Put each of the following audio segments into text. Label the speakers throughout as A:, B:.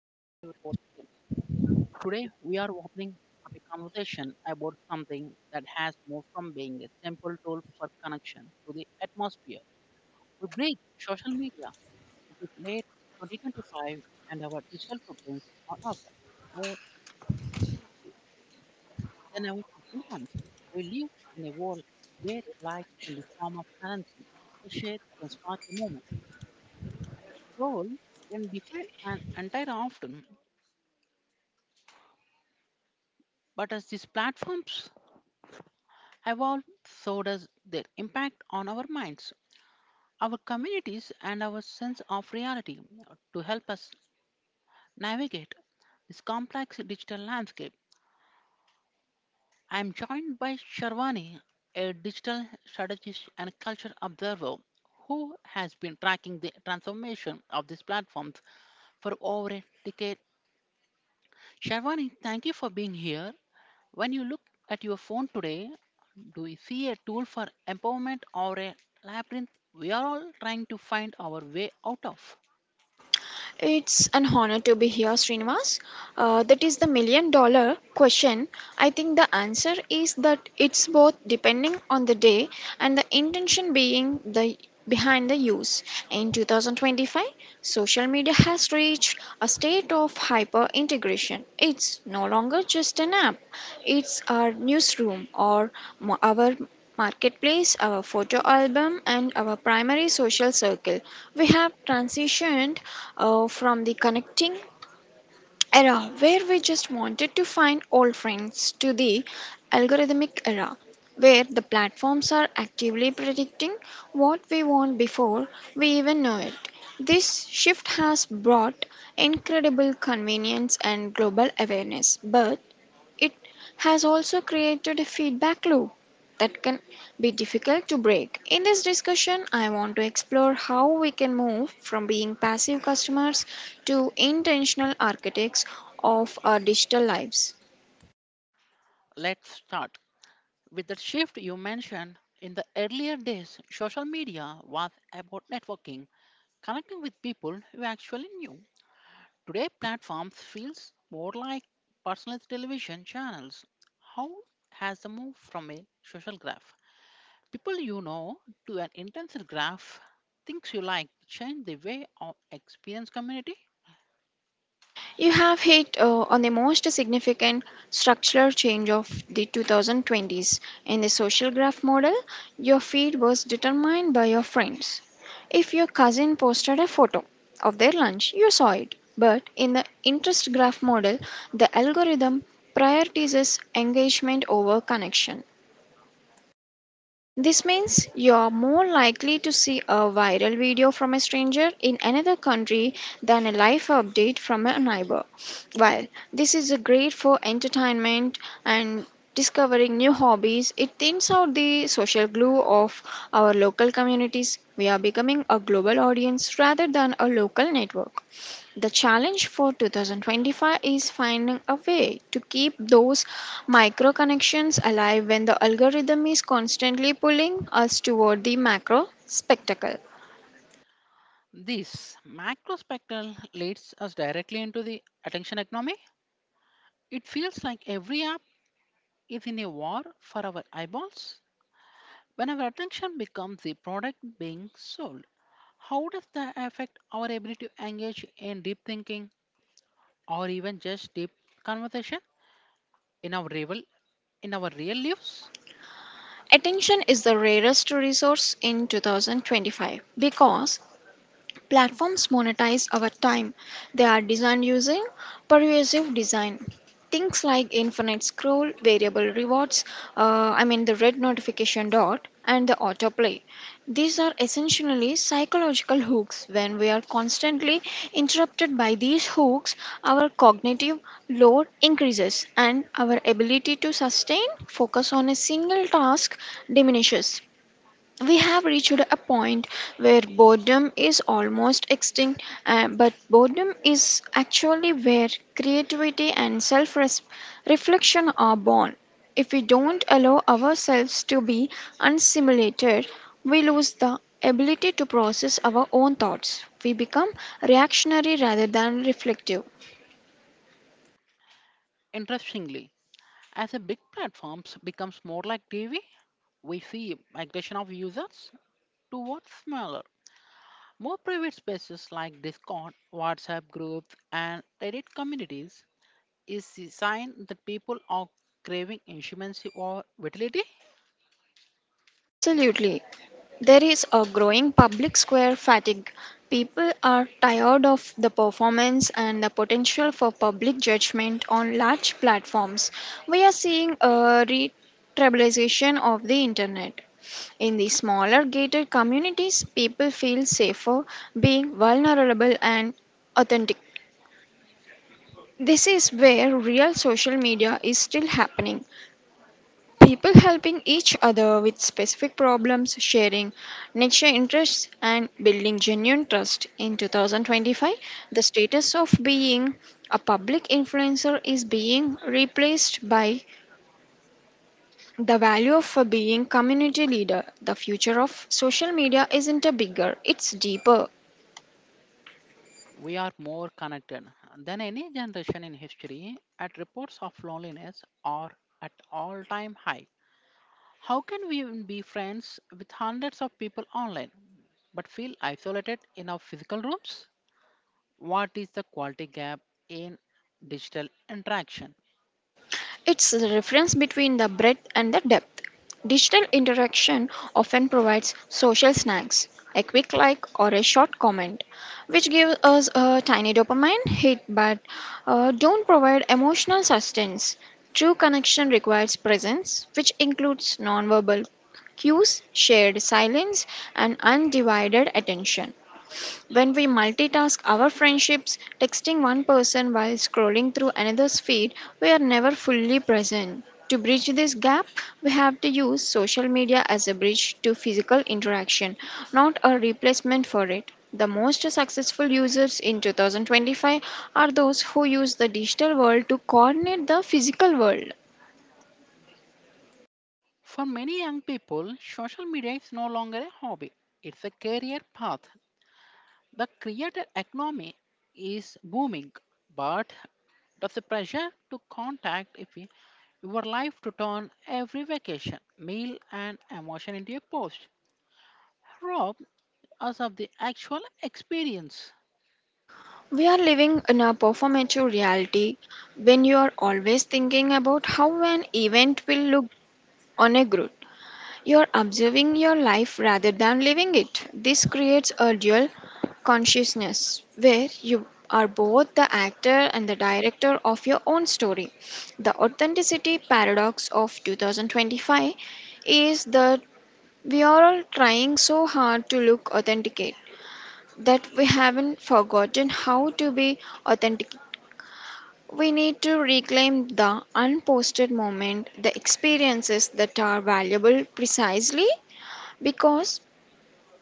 A: Tim. Today, we are opening up a conversation about something that has moved from being a simple tool for connection to the atmosphere. We break social media. It is late 2025, and our digital footprints are often more than our physical ones. We live in a world where like in the form of currency, a share can spark a moment. Role can define an entire afternoon. But as these platforms have also does their impact on our minds, our communities, and our sense of reality to help us navigate this complex digital landscape. I am joined by Sharwani, a digital strategist and culture observer who has been tracking the transformation of these platforms for over a decade. Sharwani, thank you for being here. When you look at your phone today, do you see a tool for empowerment or a labyrinth we are all trying to find our way out of?
B: It's an honor to be here, Srinivas. That is the $1 million question. I think the answer is that it's both depending on the day and the intention being the behind the use. In 2025, social media has reached a state of hyper integration. It's no longer just an app. It's our newsroom or our marketplace, our photo album, and our primary social circle. We have transitioned from the connecting era where we just wanted to find old friends to the algorithmic era where the platforms are actively predicting what we want before we even know it. This shift has brought incredible convenience and global awareness, but it has also created a feedback loop that can be difficult to break. In this discussion, I want to explore how we can move from being passive customers to intentional architects of our digital lives.
A: Let's start with the shift you mentioned. In the earlier days, social media was about networking, connecting with people you actually knew. Today, platforms feels more like personalized television channels. How has the move from a social graph people you know to an intensive graph, things you like change the way of experience community.
B: You have hit on the most significant structural change of the 2020s. In the social graph model, your feed was determined by your friends. If your cousin posted a photo of their lunch, you saw it. But in the interest graph model, the algorithm prioritizes engagement over connection. This means you're more likely to see a viral video from a stranger in another country than a life update from a neighbor. While this is great for entertainment and discovering new hobbies, it thins out the social glue of our local communities. We are becoming a global audience rather than a local network. The challenge for 2025 is finding a way to keep those micro connections alive when the algorithm is constantly pulling us toward the macro spectacle.
A: This macro spectral leads us directly into the attention economy. It feels like every app is in a war for our eyeballs. When our attention becomes the product being sold, how does that affect our ability to engage in deep thinking or even just deep conversation in our real, in our real lives?
B: Attention is the rarest resource in 2025 because platforms monetize our time. They are designed using pervasive design. Things like infinite scroll, variable rewards, I mean the red notification dot, and the autoplay. These are essentially psychological hooks. When we are constantly interrupted by these hooks, our cognitive load increases and our ability to sustain focus on a single task diminishes. We have reached a point where boredom is almost extinct, but boredom is actually where creativity and self reflection are born. If we don't allow ourselves to be unstimulated, we lose the ability to process our own thoughts. We become reactionary rather than reflective.
A: Interestingly, as a big platforms becomes more like TV, we see migration of users towards smaller, more private spaces like Discord, WhatsApp groups, and Reddit communities is a sign that people are craving intimacy or vitality.
B: Absolutely. There is a growing public square fatigue. People are tired of the performance and the potential for public judgment on large platforms. We are seeing a retribalization of the internet. In the smaller gated communities, people feel safer being vulnerable and authentic. This is where real social media is still happening, people helping each other with specific problems, sharing niche interests, and building genuine trust. In 2025, the status of being a public influencer is being replaced by the value of being community leader. The future of social media isn't a bigger, it's deeper.
A: We are more connected than any generation in history, at reports of loneliness are at all-time high. How can we even be friends with hundreds of people online but feel isolated in our physical rooms? What is the quality gap in digital interaction?
B: It's the reference between the breadth and the depth. Digital interaction often provides social snacks, a quick like or a short comment, which gives us a tiny dopamine hit but don't provide emotional sustenance. True connection requires presence, which includes nonverbal cues, shared silence, and undivided attention. When we multitask our friendships, texting one person while scrolling through another's feed, we are never fully present. To bridge this gap, we have to use social media as a bridge to physical interaction, not a replacement for it. The most successful users in 2025 are those who use the digital world to coordinate the physical world.
A: For many young people, social media is no longer a hobby, it's a career path. The creator economy is booming, but does the pressure to contact if you- your life to turn every vacation, meal, and emotion into a post rob us of the actual experience?
B: We are living in a performative reality when you are always thinking about how an event will look on a group. You're observing your life rather than living it. This creates a dual consciousness where you are both the actor and the director of your own story. The authenticity paradox of 2025 is that we are all trying so hard to look authenticate that we haven't forgotten how to be authentic. We need to reclaim the unposted moment, the experiences that are valuable precisely because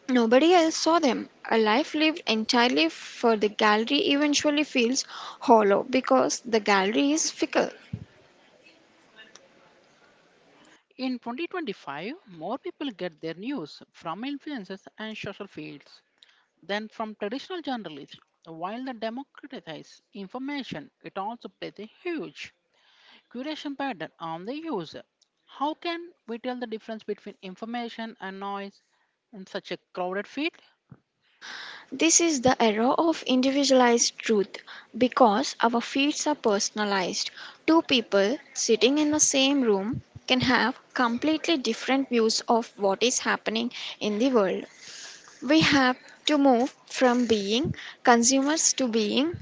B: nobody else saw them. A life lived entirely for the gallery eventually feels hollow because the gallery is fickle.
A: In 2025, more people get their news from influencers and social feeds then, from traditional journalism, while the democratizes information, it also plays a huge curation pattern on the user. How can we tell the difference between information and noise in such a crowded field?
B: This is the era of individualized truth because our feeds are personalized. Two people sitting in the same room can have completely different views of what is happening in the world. We have to move from being consumers to being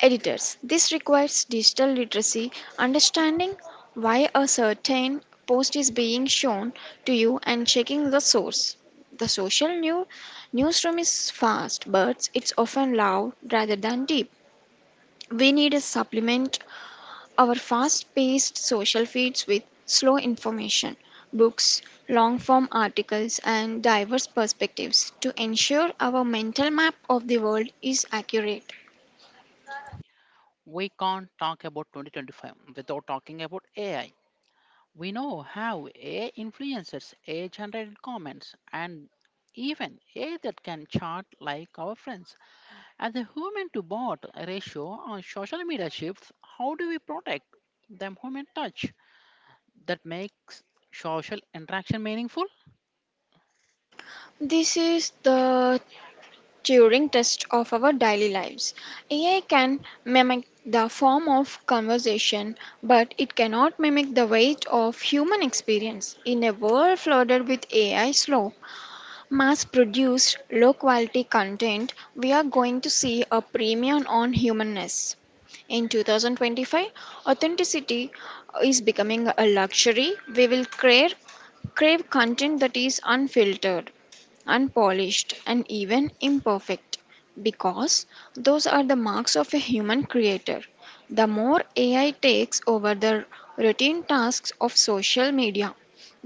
B: editors. This requires digital literacy, understanding why a certain post is being shown to you and checking the source. The newsroom is fast, but it's often loud rather than deep. We need to supplement our fast paced social feeds with slow information, books, long form articles, and diverse perspectives to ensure our mental map of the world is accurate.
A: We can't talk about 2025 without talking about AI. We know how AI influences AI generated comments and even AI that can chat like our friends. As the human to bot ratio on social media shifts, how do we protect the human touch that makes social interaction meaningful?
B: This is the during tests of our daily lives. AI can mimic the form of conversation, but it cannot mimic the weight of human experience. In a world flooded with AI slow, mass produced, low quality content, we are going to see a premium on humanness. In 2025, authenticity is becoming a luxury we will crave content that is unfiltered, unpolished, and even imperfect because those are the marks of a human creator. The more AI takes over the routine tasks of social media,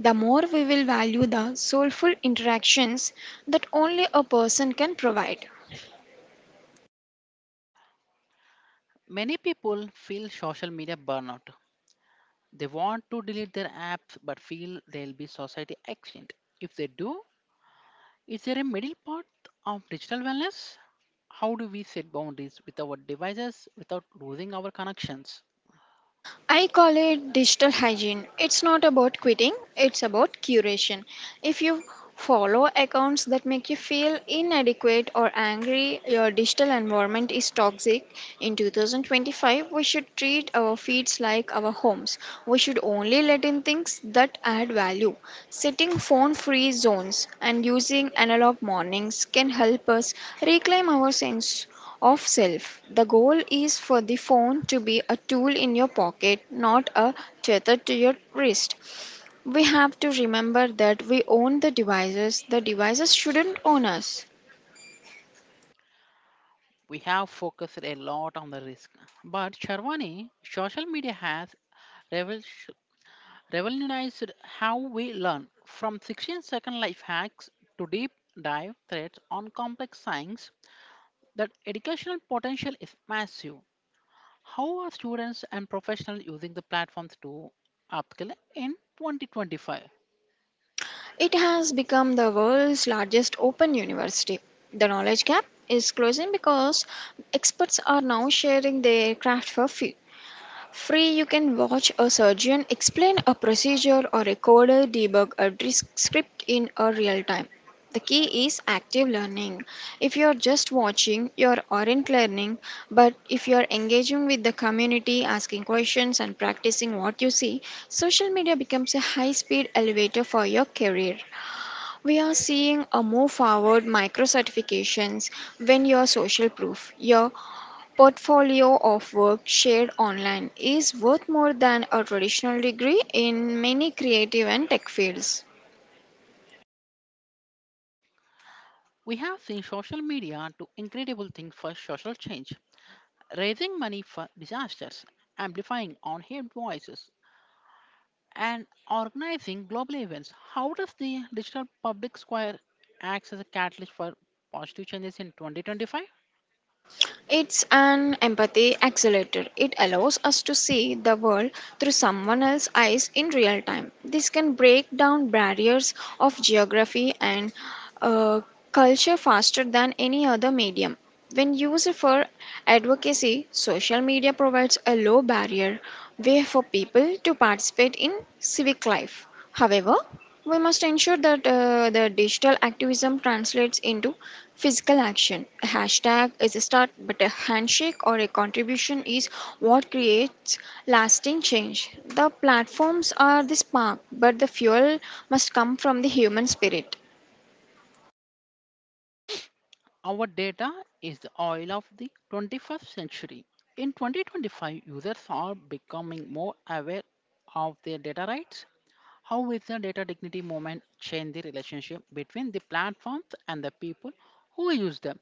B: the more we will value the soulful interactions that only a person can provide.
A: Many people feel social media burnout. They want to delete their apps but feel they'll be society extinct. If they do, is there a middle path of digital wellness? How do we set boundaries with our devices without losing our connections?
B: I call it digital hygiene. It's not about quitting, it's about curation. If you follow accounts that make you feel inadequate or angry, your digital environment is toxic. In 2025, we should treat our feeds like our homes. We should only let in things that add value. Setting phone free zones and using analog mornings can help us reclaim our sense of self. The goal is for the phone to be a tool in your pocket, not a tether to your wrist. We have to remember that we own the devices shouldn't own us.
A: We have focused a lot on the risk. But Sharwani, social media has revolution- revolutionized how we learn. From 16-second life hacks to deep dive threads on complex science, that educational potential is massive. How are students and professionals using the platforms to upskill in 2025?
B: It has become the world's largest open university. The knowledge gap is closing because experts are now sharing their craft for free. Free you can watch a surgeon explain a procedure or a coder debug a dis- script in a real time. The key is active learning. If you're just watching, you aren't learning, but if you're engaging with the community, asking questions and practicing what you see, social media becomes a high-speed elevator for your career. We are seeing a move forward micro certifications when your social proof. Your portfolio of work shared online is worth more than a traditional degree in many creative and tech fields.
A: We have seen social media do incredible things for social change, raising money for disasters, amplifying unheard voices, and organizing global events. How does the digital public square acts as a catalyst for positive changes in 2025?
B: It's an empathy accelerator. It allows us to see the world through someone else's eyes in real time. This can break down barriers of geography and uh, culture faster than any other medium. When used for advocacy, social media provides a low barrier way for people to participate in civic life. However, we must ensure that the digital activism translates into physical action. A hashtag is a start, but a handshake or a contribution is what creates lasting change. The platforms are the spark, but the fuel must come from the human spirit.
A: Our data is the oil of the 21st century. In 2025, users are becoming more aware of their data rights. How is the data dignity movement change the relationship between the platforms and the people who use them?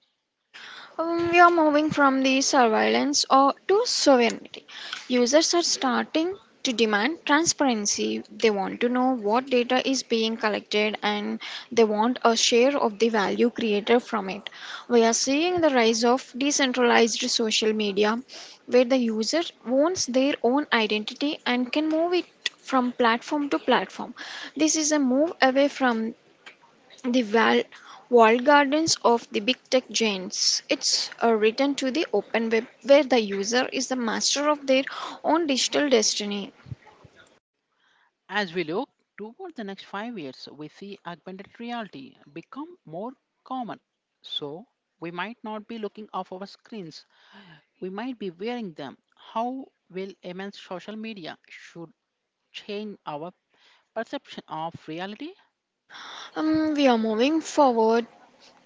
B: We are moving from the surveillance or to sovereignty. Users are starting to demand transparency. They want to know what data is being collected and they want a share of the value created from it. We are seeing the rise of decentralized social media where the user owns their own identity and can move it from platform to platform. This is a move away from the walled gardens of the big tech giants. It's a return to the open web where the user is the master of their own digital destiny.
A: As we look toward the next 5 years, we see augmented reality become more common. So, we might not be looking off our screens, we might be wearing them. How will immense social media should change our perception of reality?
B: We are moving forward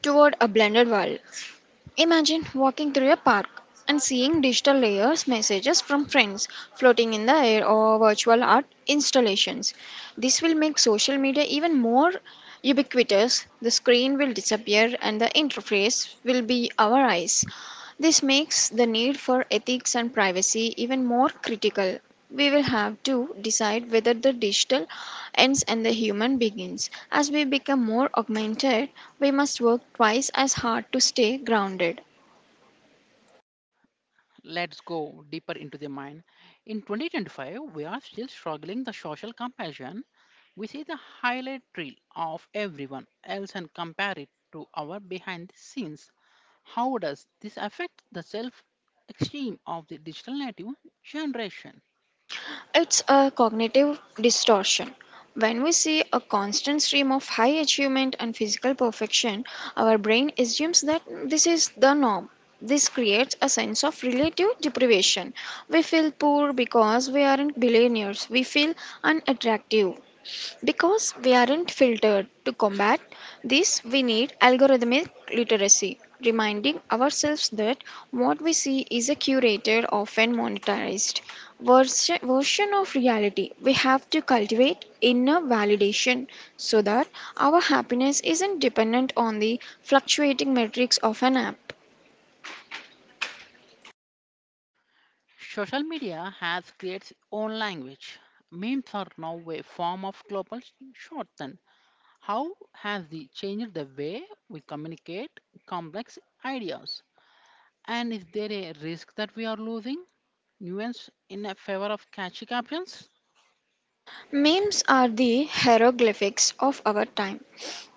B: toward a blended world. Imagine walking through a park and seeing digital layers messages from friends floating in the air or virtual art installations. This will make social media even more ubiquitous. The screen will disappear and the interface will be our eyes. This makes the need for ethics and privacy even more critical. We will have to decide whether the digital ends and the human begins. As we become more augmented, we must work twice as hard to stay grounded.
A: Let's go deeper into the mind. In 2025, we are still struggling the social comparison. We see the highlight reel of everyone else and compare it to our behind the scenes. How does this affect the self esteem of the digital native generation?
B: It's a cognitive distortion. When we see a constant stream of high achievement and physical perfection, our brain assumes that this is the norm. This creates a sense of relative deprivation. We feel poor because we aren't billionaires. We feel unattractive. Because we aren't filtered to combat this, we need algorithmic literacy, reminding ourselves that what we see is a curated, often monetized version of reality. We have to cultivate inner validation so that our happiness isn't dependent on the fluctuating metrics of an app.
A: Social media has created its own language. Memes are now a form of global shorthand. How has it changed the way we communicate complex ideas? And is there a risk that we are losing nuance in a favor of catchy captions?
B: Memes are the hieroglyphics of our time.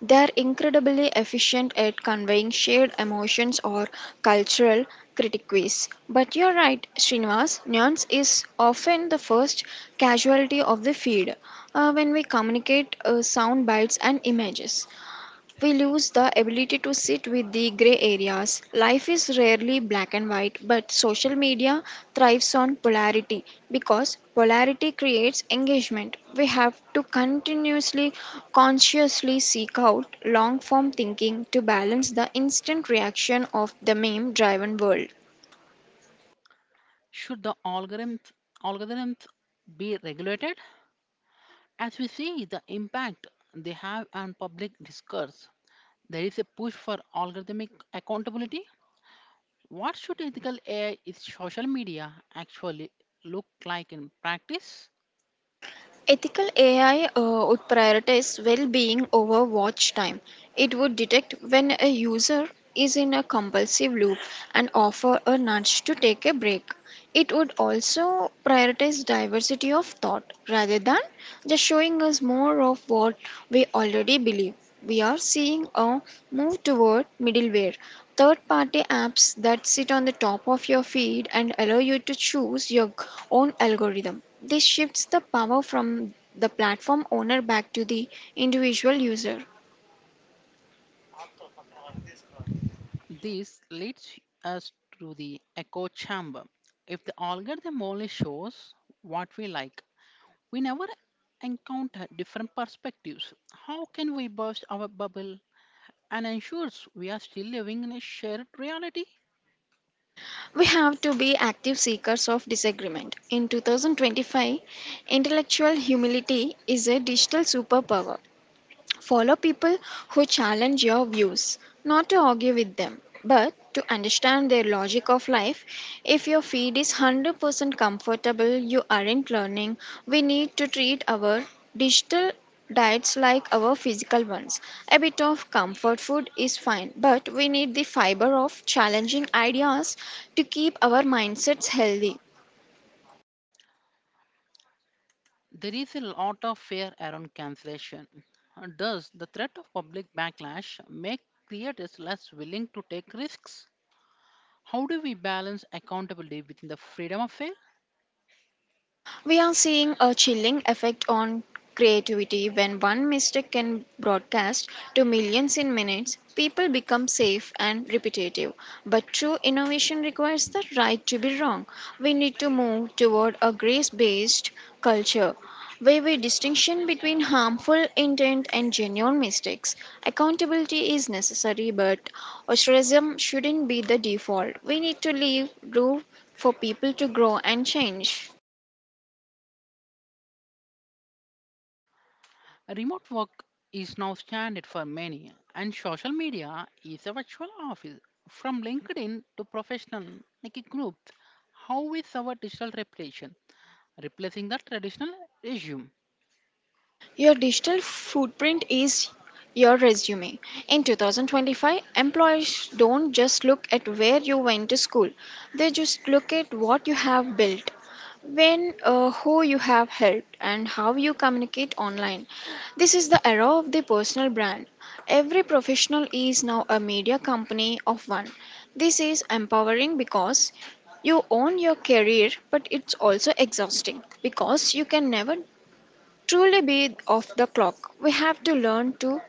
B: They are incredibly efficient at conveying shared emotions or cultural critiques. But you're right, Srinivas, nuance is often the first casualty of the feed when we communicate sound bites and images. We lose the ability to sit with the gray areas. Life is rarely black and white, but social media thrives on polarity because polarity creates engagement. We have to continuously, consciously seek out long form thinking to balance the instant reaction of the meme driven world.
A: Should the algorithms be regulated? As we see the impact they have on public discourse, there is a push for algorithmic accountability. What should ethical AI in social media actually look like in practice?
B: Ethical AI would prioritize well being over watch time. It would detect when a user is in a compulsive loop and offer a nudge to take a break. It would also prioritize diversity of thought rather than just showing us more of what we already believe. We are seeing a move toward middleware, third party apps that sit on the top of your feed and allow you to choose your own algorithm. This shifts the power from the platform owner back to the individual user.
A: This leads us to the echo chamber. If the algorithm only shows what we like, we never encounter different perspectives. How can we burst our bubble and ensure we are still living in a shared reality?
B: We have to be active seekers of disagreement. In 2025, intellectual humility is a digital superpower. Follow people who challenge your views, not to argue with them, but to understand their logic of life. If your feed is 100% comfortable, you aren't learning. We need to treat our digital diets like our physical ones. A bit of comfort food is fine, but we need the fiber of challenging ideas to keep our mindsets healthy.
A: There is a lot of fear around cancellation. Does the threat of public backlash make creators less willing to take risks? How do we balance accountability within the freedom of fail?
B: We are seeing a chilling effect on creativity when one mistake can broadcast to millions in minutes. People become safe and repetitive. But true innovation requires the right to be wrong. We need to move toward a grace based culture where we distinction between harmful intent and genuine mistakes. Accountability is necessary, but ostracism shouldn't be the default. We need to leave room for people to grow and change.
A: Remote work is now standard for many, and social media is a virtual office. From LinkedIn to professional like groups, how is our digital reputation replacing the traditional resume?
B: Your digital footprint is your resume. In 2025, employers don't just look at where you went to school, they just look at what you have built, when, who you have helped, and how you communicate online. This is the era of the personal brand. Every professional is now a media company of one. This is empowering because you own your career, but it's also exhausting because you can never truly be off the clock. We have to learn to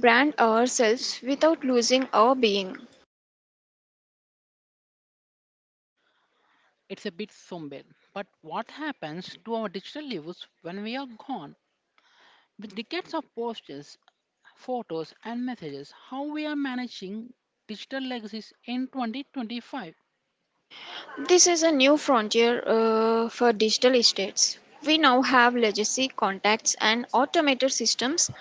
B: brand ourselves without losing our being.
A: It's a bit somber, but what happens to our digital lives when we are gone? With decades of posters, photos, and messages, how we are managing digital legacies in 2025.
B: This is a new frontier for digital estates. We now have legacy contacts and automated systems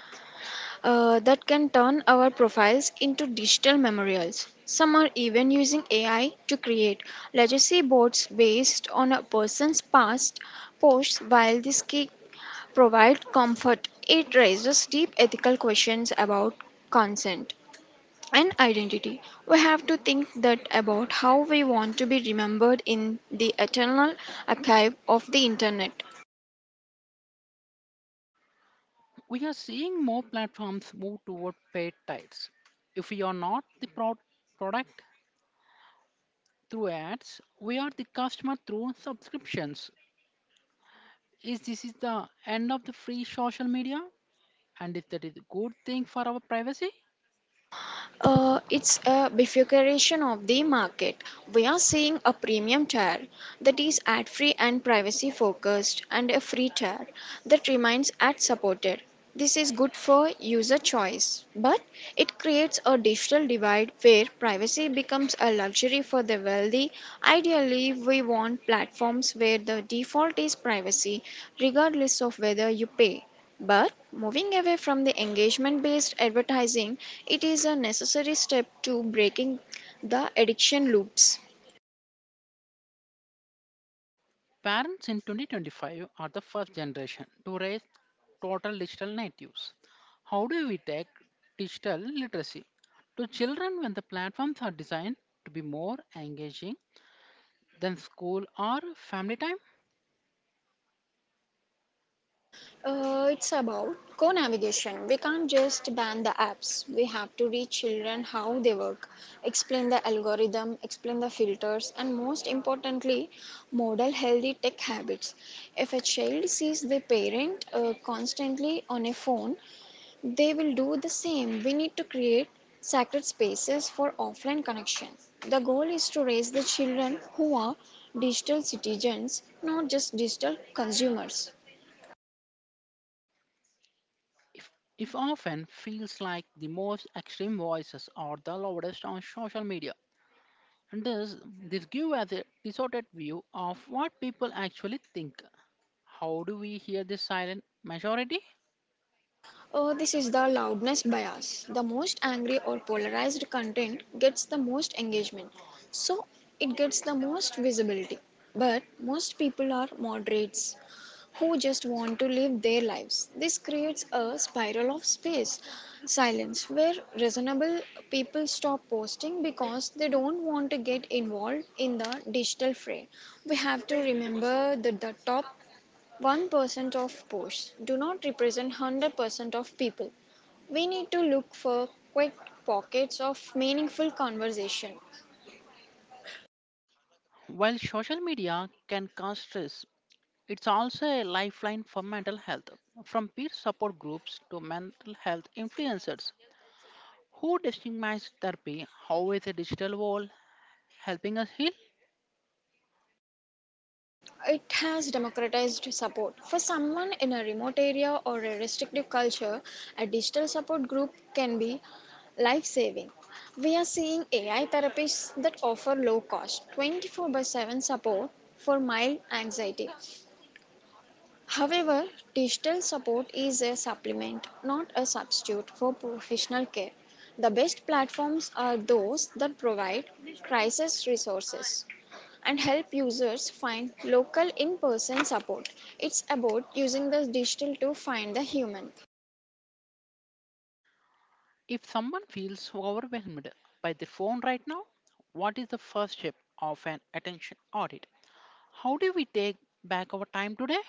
B: that can turn our profiles into digital memorials. Some are even using AI to create legacy boards based on a person's past posts while this can provide comfort. It raises deep ethical questions about consent and identity. We have to think that about how we want to be remembered in the eternal archive of the internet.
A: We are seeing more platforms move toward paid tiers. If we are not the product through ads, we are the customer through subscriptions. Is this is the end of the free social media? And is that is a good thing for our privacy?
B: It's a bifurcation of the market. We are seeing a premium tier that is ad free and privacy focused, and a free tier that remains ad supported. This is good for user choice, but it creates a digital divide where privacy becomes a luxury for the wealthy. Ideally, we want platforms where the default is privacy, regardless of whether you pay. But moving away from the engagement based advertising, it is a necessary step to breaking the addiction loops.
A: Parents in 2025 are the first generation to raise total digital natives. How do we take digital literacy to children when the platforms are designed to be more engaging than school or family time?
B: It's about co navigation. We can't just ban the apps. We have to reach children how they work, explain the algorithm, explain the filters, and most importantly, model healthy tech habits. If a child sees their parent constantly on a phone, they will do the same. We need to create sacred spaces for offline connection. The goal is to raise the children who are digital citizens, not just digital consumers.
A: If, if often feels like the most extreme voices are the loudest on social media. And this gives us a distorted view of what people actually think. How do we hear the silent majority?
B: This is the loudness bias. The most angry or polarized content gets the most engagement, so it gets the most visibility. But most people are moderates who just want to live their lives. This creates a spiral of space, silence, where reasonable people stop posting because they don't want to get involved in the digital fray. We have to remember that the top 1% of posts do not represent 100% of people. We need to look for quick pockets of meaningful conversation.
A: While social media can cause stress, it's also a lifeline for mental health, from peer support groups to mental health influencers who destigmatize therapy. How is a digital wall helping us heal?
B: It has democratized support. For someone in a remote area or a restrictive culture, a digital support group can be life saving. We are seeing AI therapies that offer low cost 24 by 7 support for mild anxiety. However, digital support is a supplement, not a substitute for professional care. The best platforms are those that provide crisis resources and help users find local in person support. It's about using the digital to find the human.
A: If someone feels overwhelmed by their phone right now, what is the first step of an attention audit? How do we take back our time today?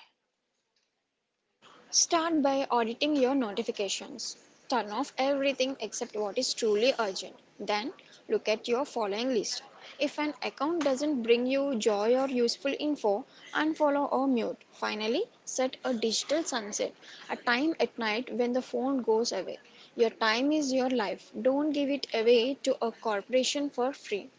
B: Start by auditing your notifications. Turn off everything except what is truly urgent. Then look at your following list. If an account doesn't bring you joy or useful info, unfollow or mute. Finally, set a digital sunset, a time at night when the phone goes away. Your time is your life. Don't give it away to a corporation for free.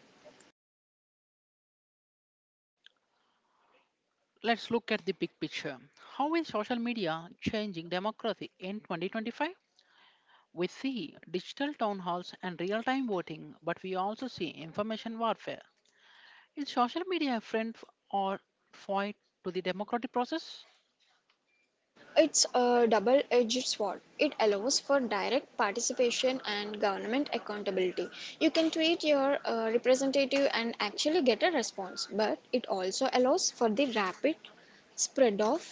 A: Let's look at the big picture. How is social media changing democracy in 2025? We see digital town halls and real time voting, but we also see information warfare. Is social media a friend or foe to the democratic process?
B: It's a double edged sword. It allows for direct participation and government accountability. You can tweet your representative and actually get a response, but it also allows for the rapid spread of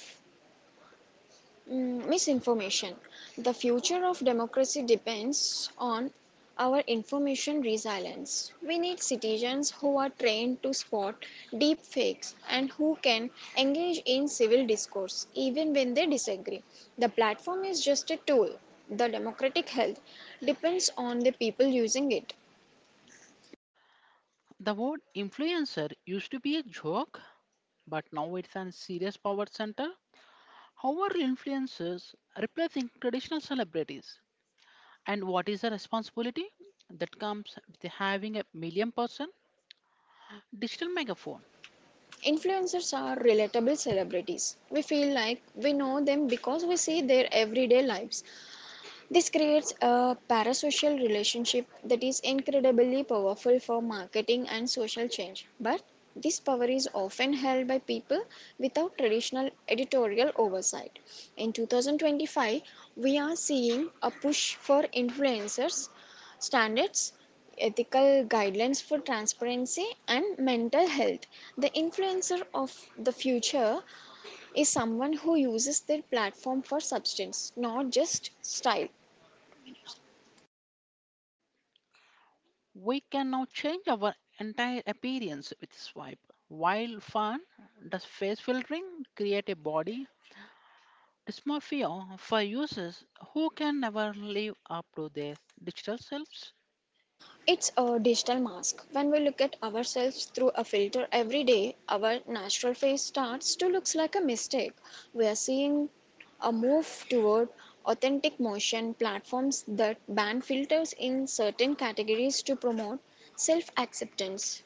B: Misinformation. The future of democracy depends on our information resilience. We need citizens who are trained to spot deep fakes and who can engage in civil discourse even when they disagree. The platform is just a tool. The democratic health depends on the people using it.
A: The word influencer used to be a joke, but now it's a serious power center. How are influencers replacing traditional celebrities? And what is the responsibility that comes with having a million person digital megaphone?
B: Influencers are relatable celebrities. We feel like we know them because we see their everyday lives. This creates a parasocial relationship that is incredibly powerful for marketing and social change. But this power is often held by people without traditional editorial oversight. In 2025, we are seeing a push for influencers, standards, ethical guidelines for transparency, and mental health. The influencer of the future is someone who uses their platform for substance, not just style.
A: We can now change our entire appearance with swipe. While fun, does face filtering create a body dysmorphia for users who can never live up to their digital selves?
B: It's a digital mask. When we look at ourselves through a filter every day, our natural face starts to look like a mistake. We are seeing a move toward authentic motion platforms that ban filters in certain categories to promote self acceptance.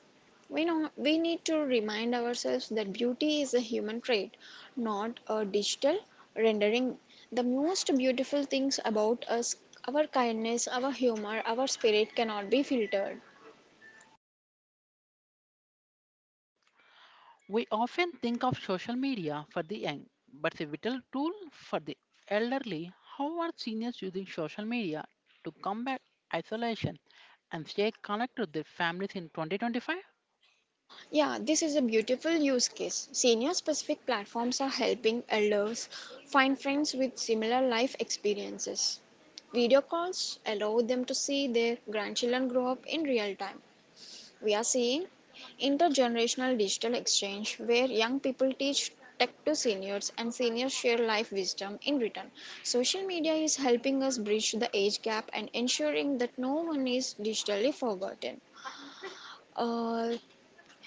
B: We know we need to remind ourselves that beauty is a human trait, not a digital rendering. The most beautiful things about us, our kindness, our humor, our spirit cannot be filtered.
A: We often think of social media for the young, but it's a vital tool for the elderly. How are seniors using social media to combat isolation and stay connected with their families in 2025?
B: Yeah, this is a beautiful use case. Senior specific platforms are helping elders find friends with similar life experiences. Video calls allow them to see their grandchildren grow up in real time. We are seeing intergenerational digital exchange where young people teach tech to seniors and seniors share life wisdom in return. Social media is helping us bridge the age gap and ensuring that no one is digitally forgotten. Uh,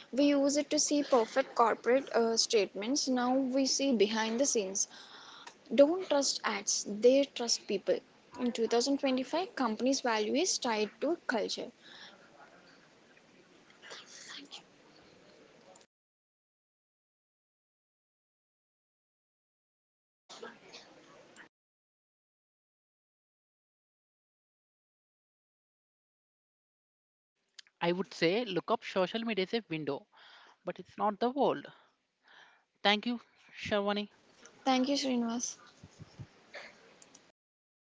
B: we use it to see perfect corporate statements. Now we see behind the scenes. Don't trust ads, they trust people. In 2025, companies' value is tied to culture.
A: I would say look up social media as a window, but it's not the world. Thank you, Sharwani.
B: Thank you, Srinivas.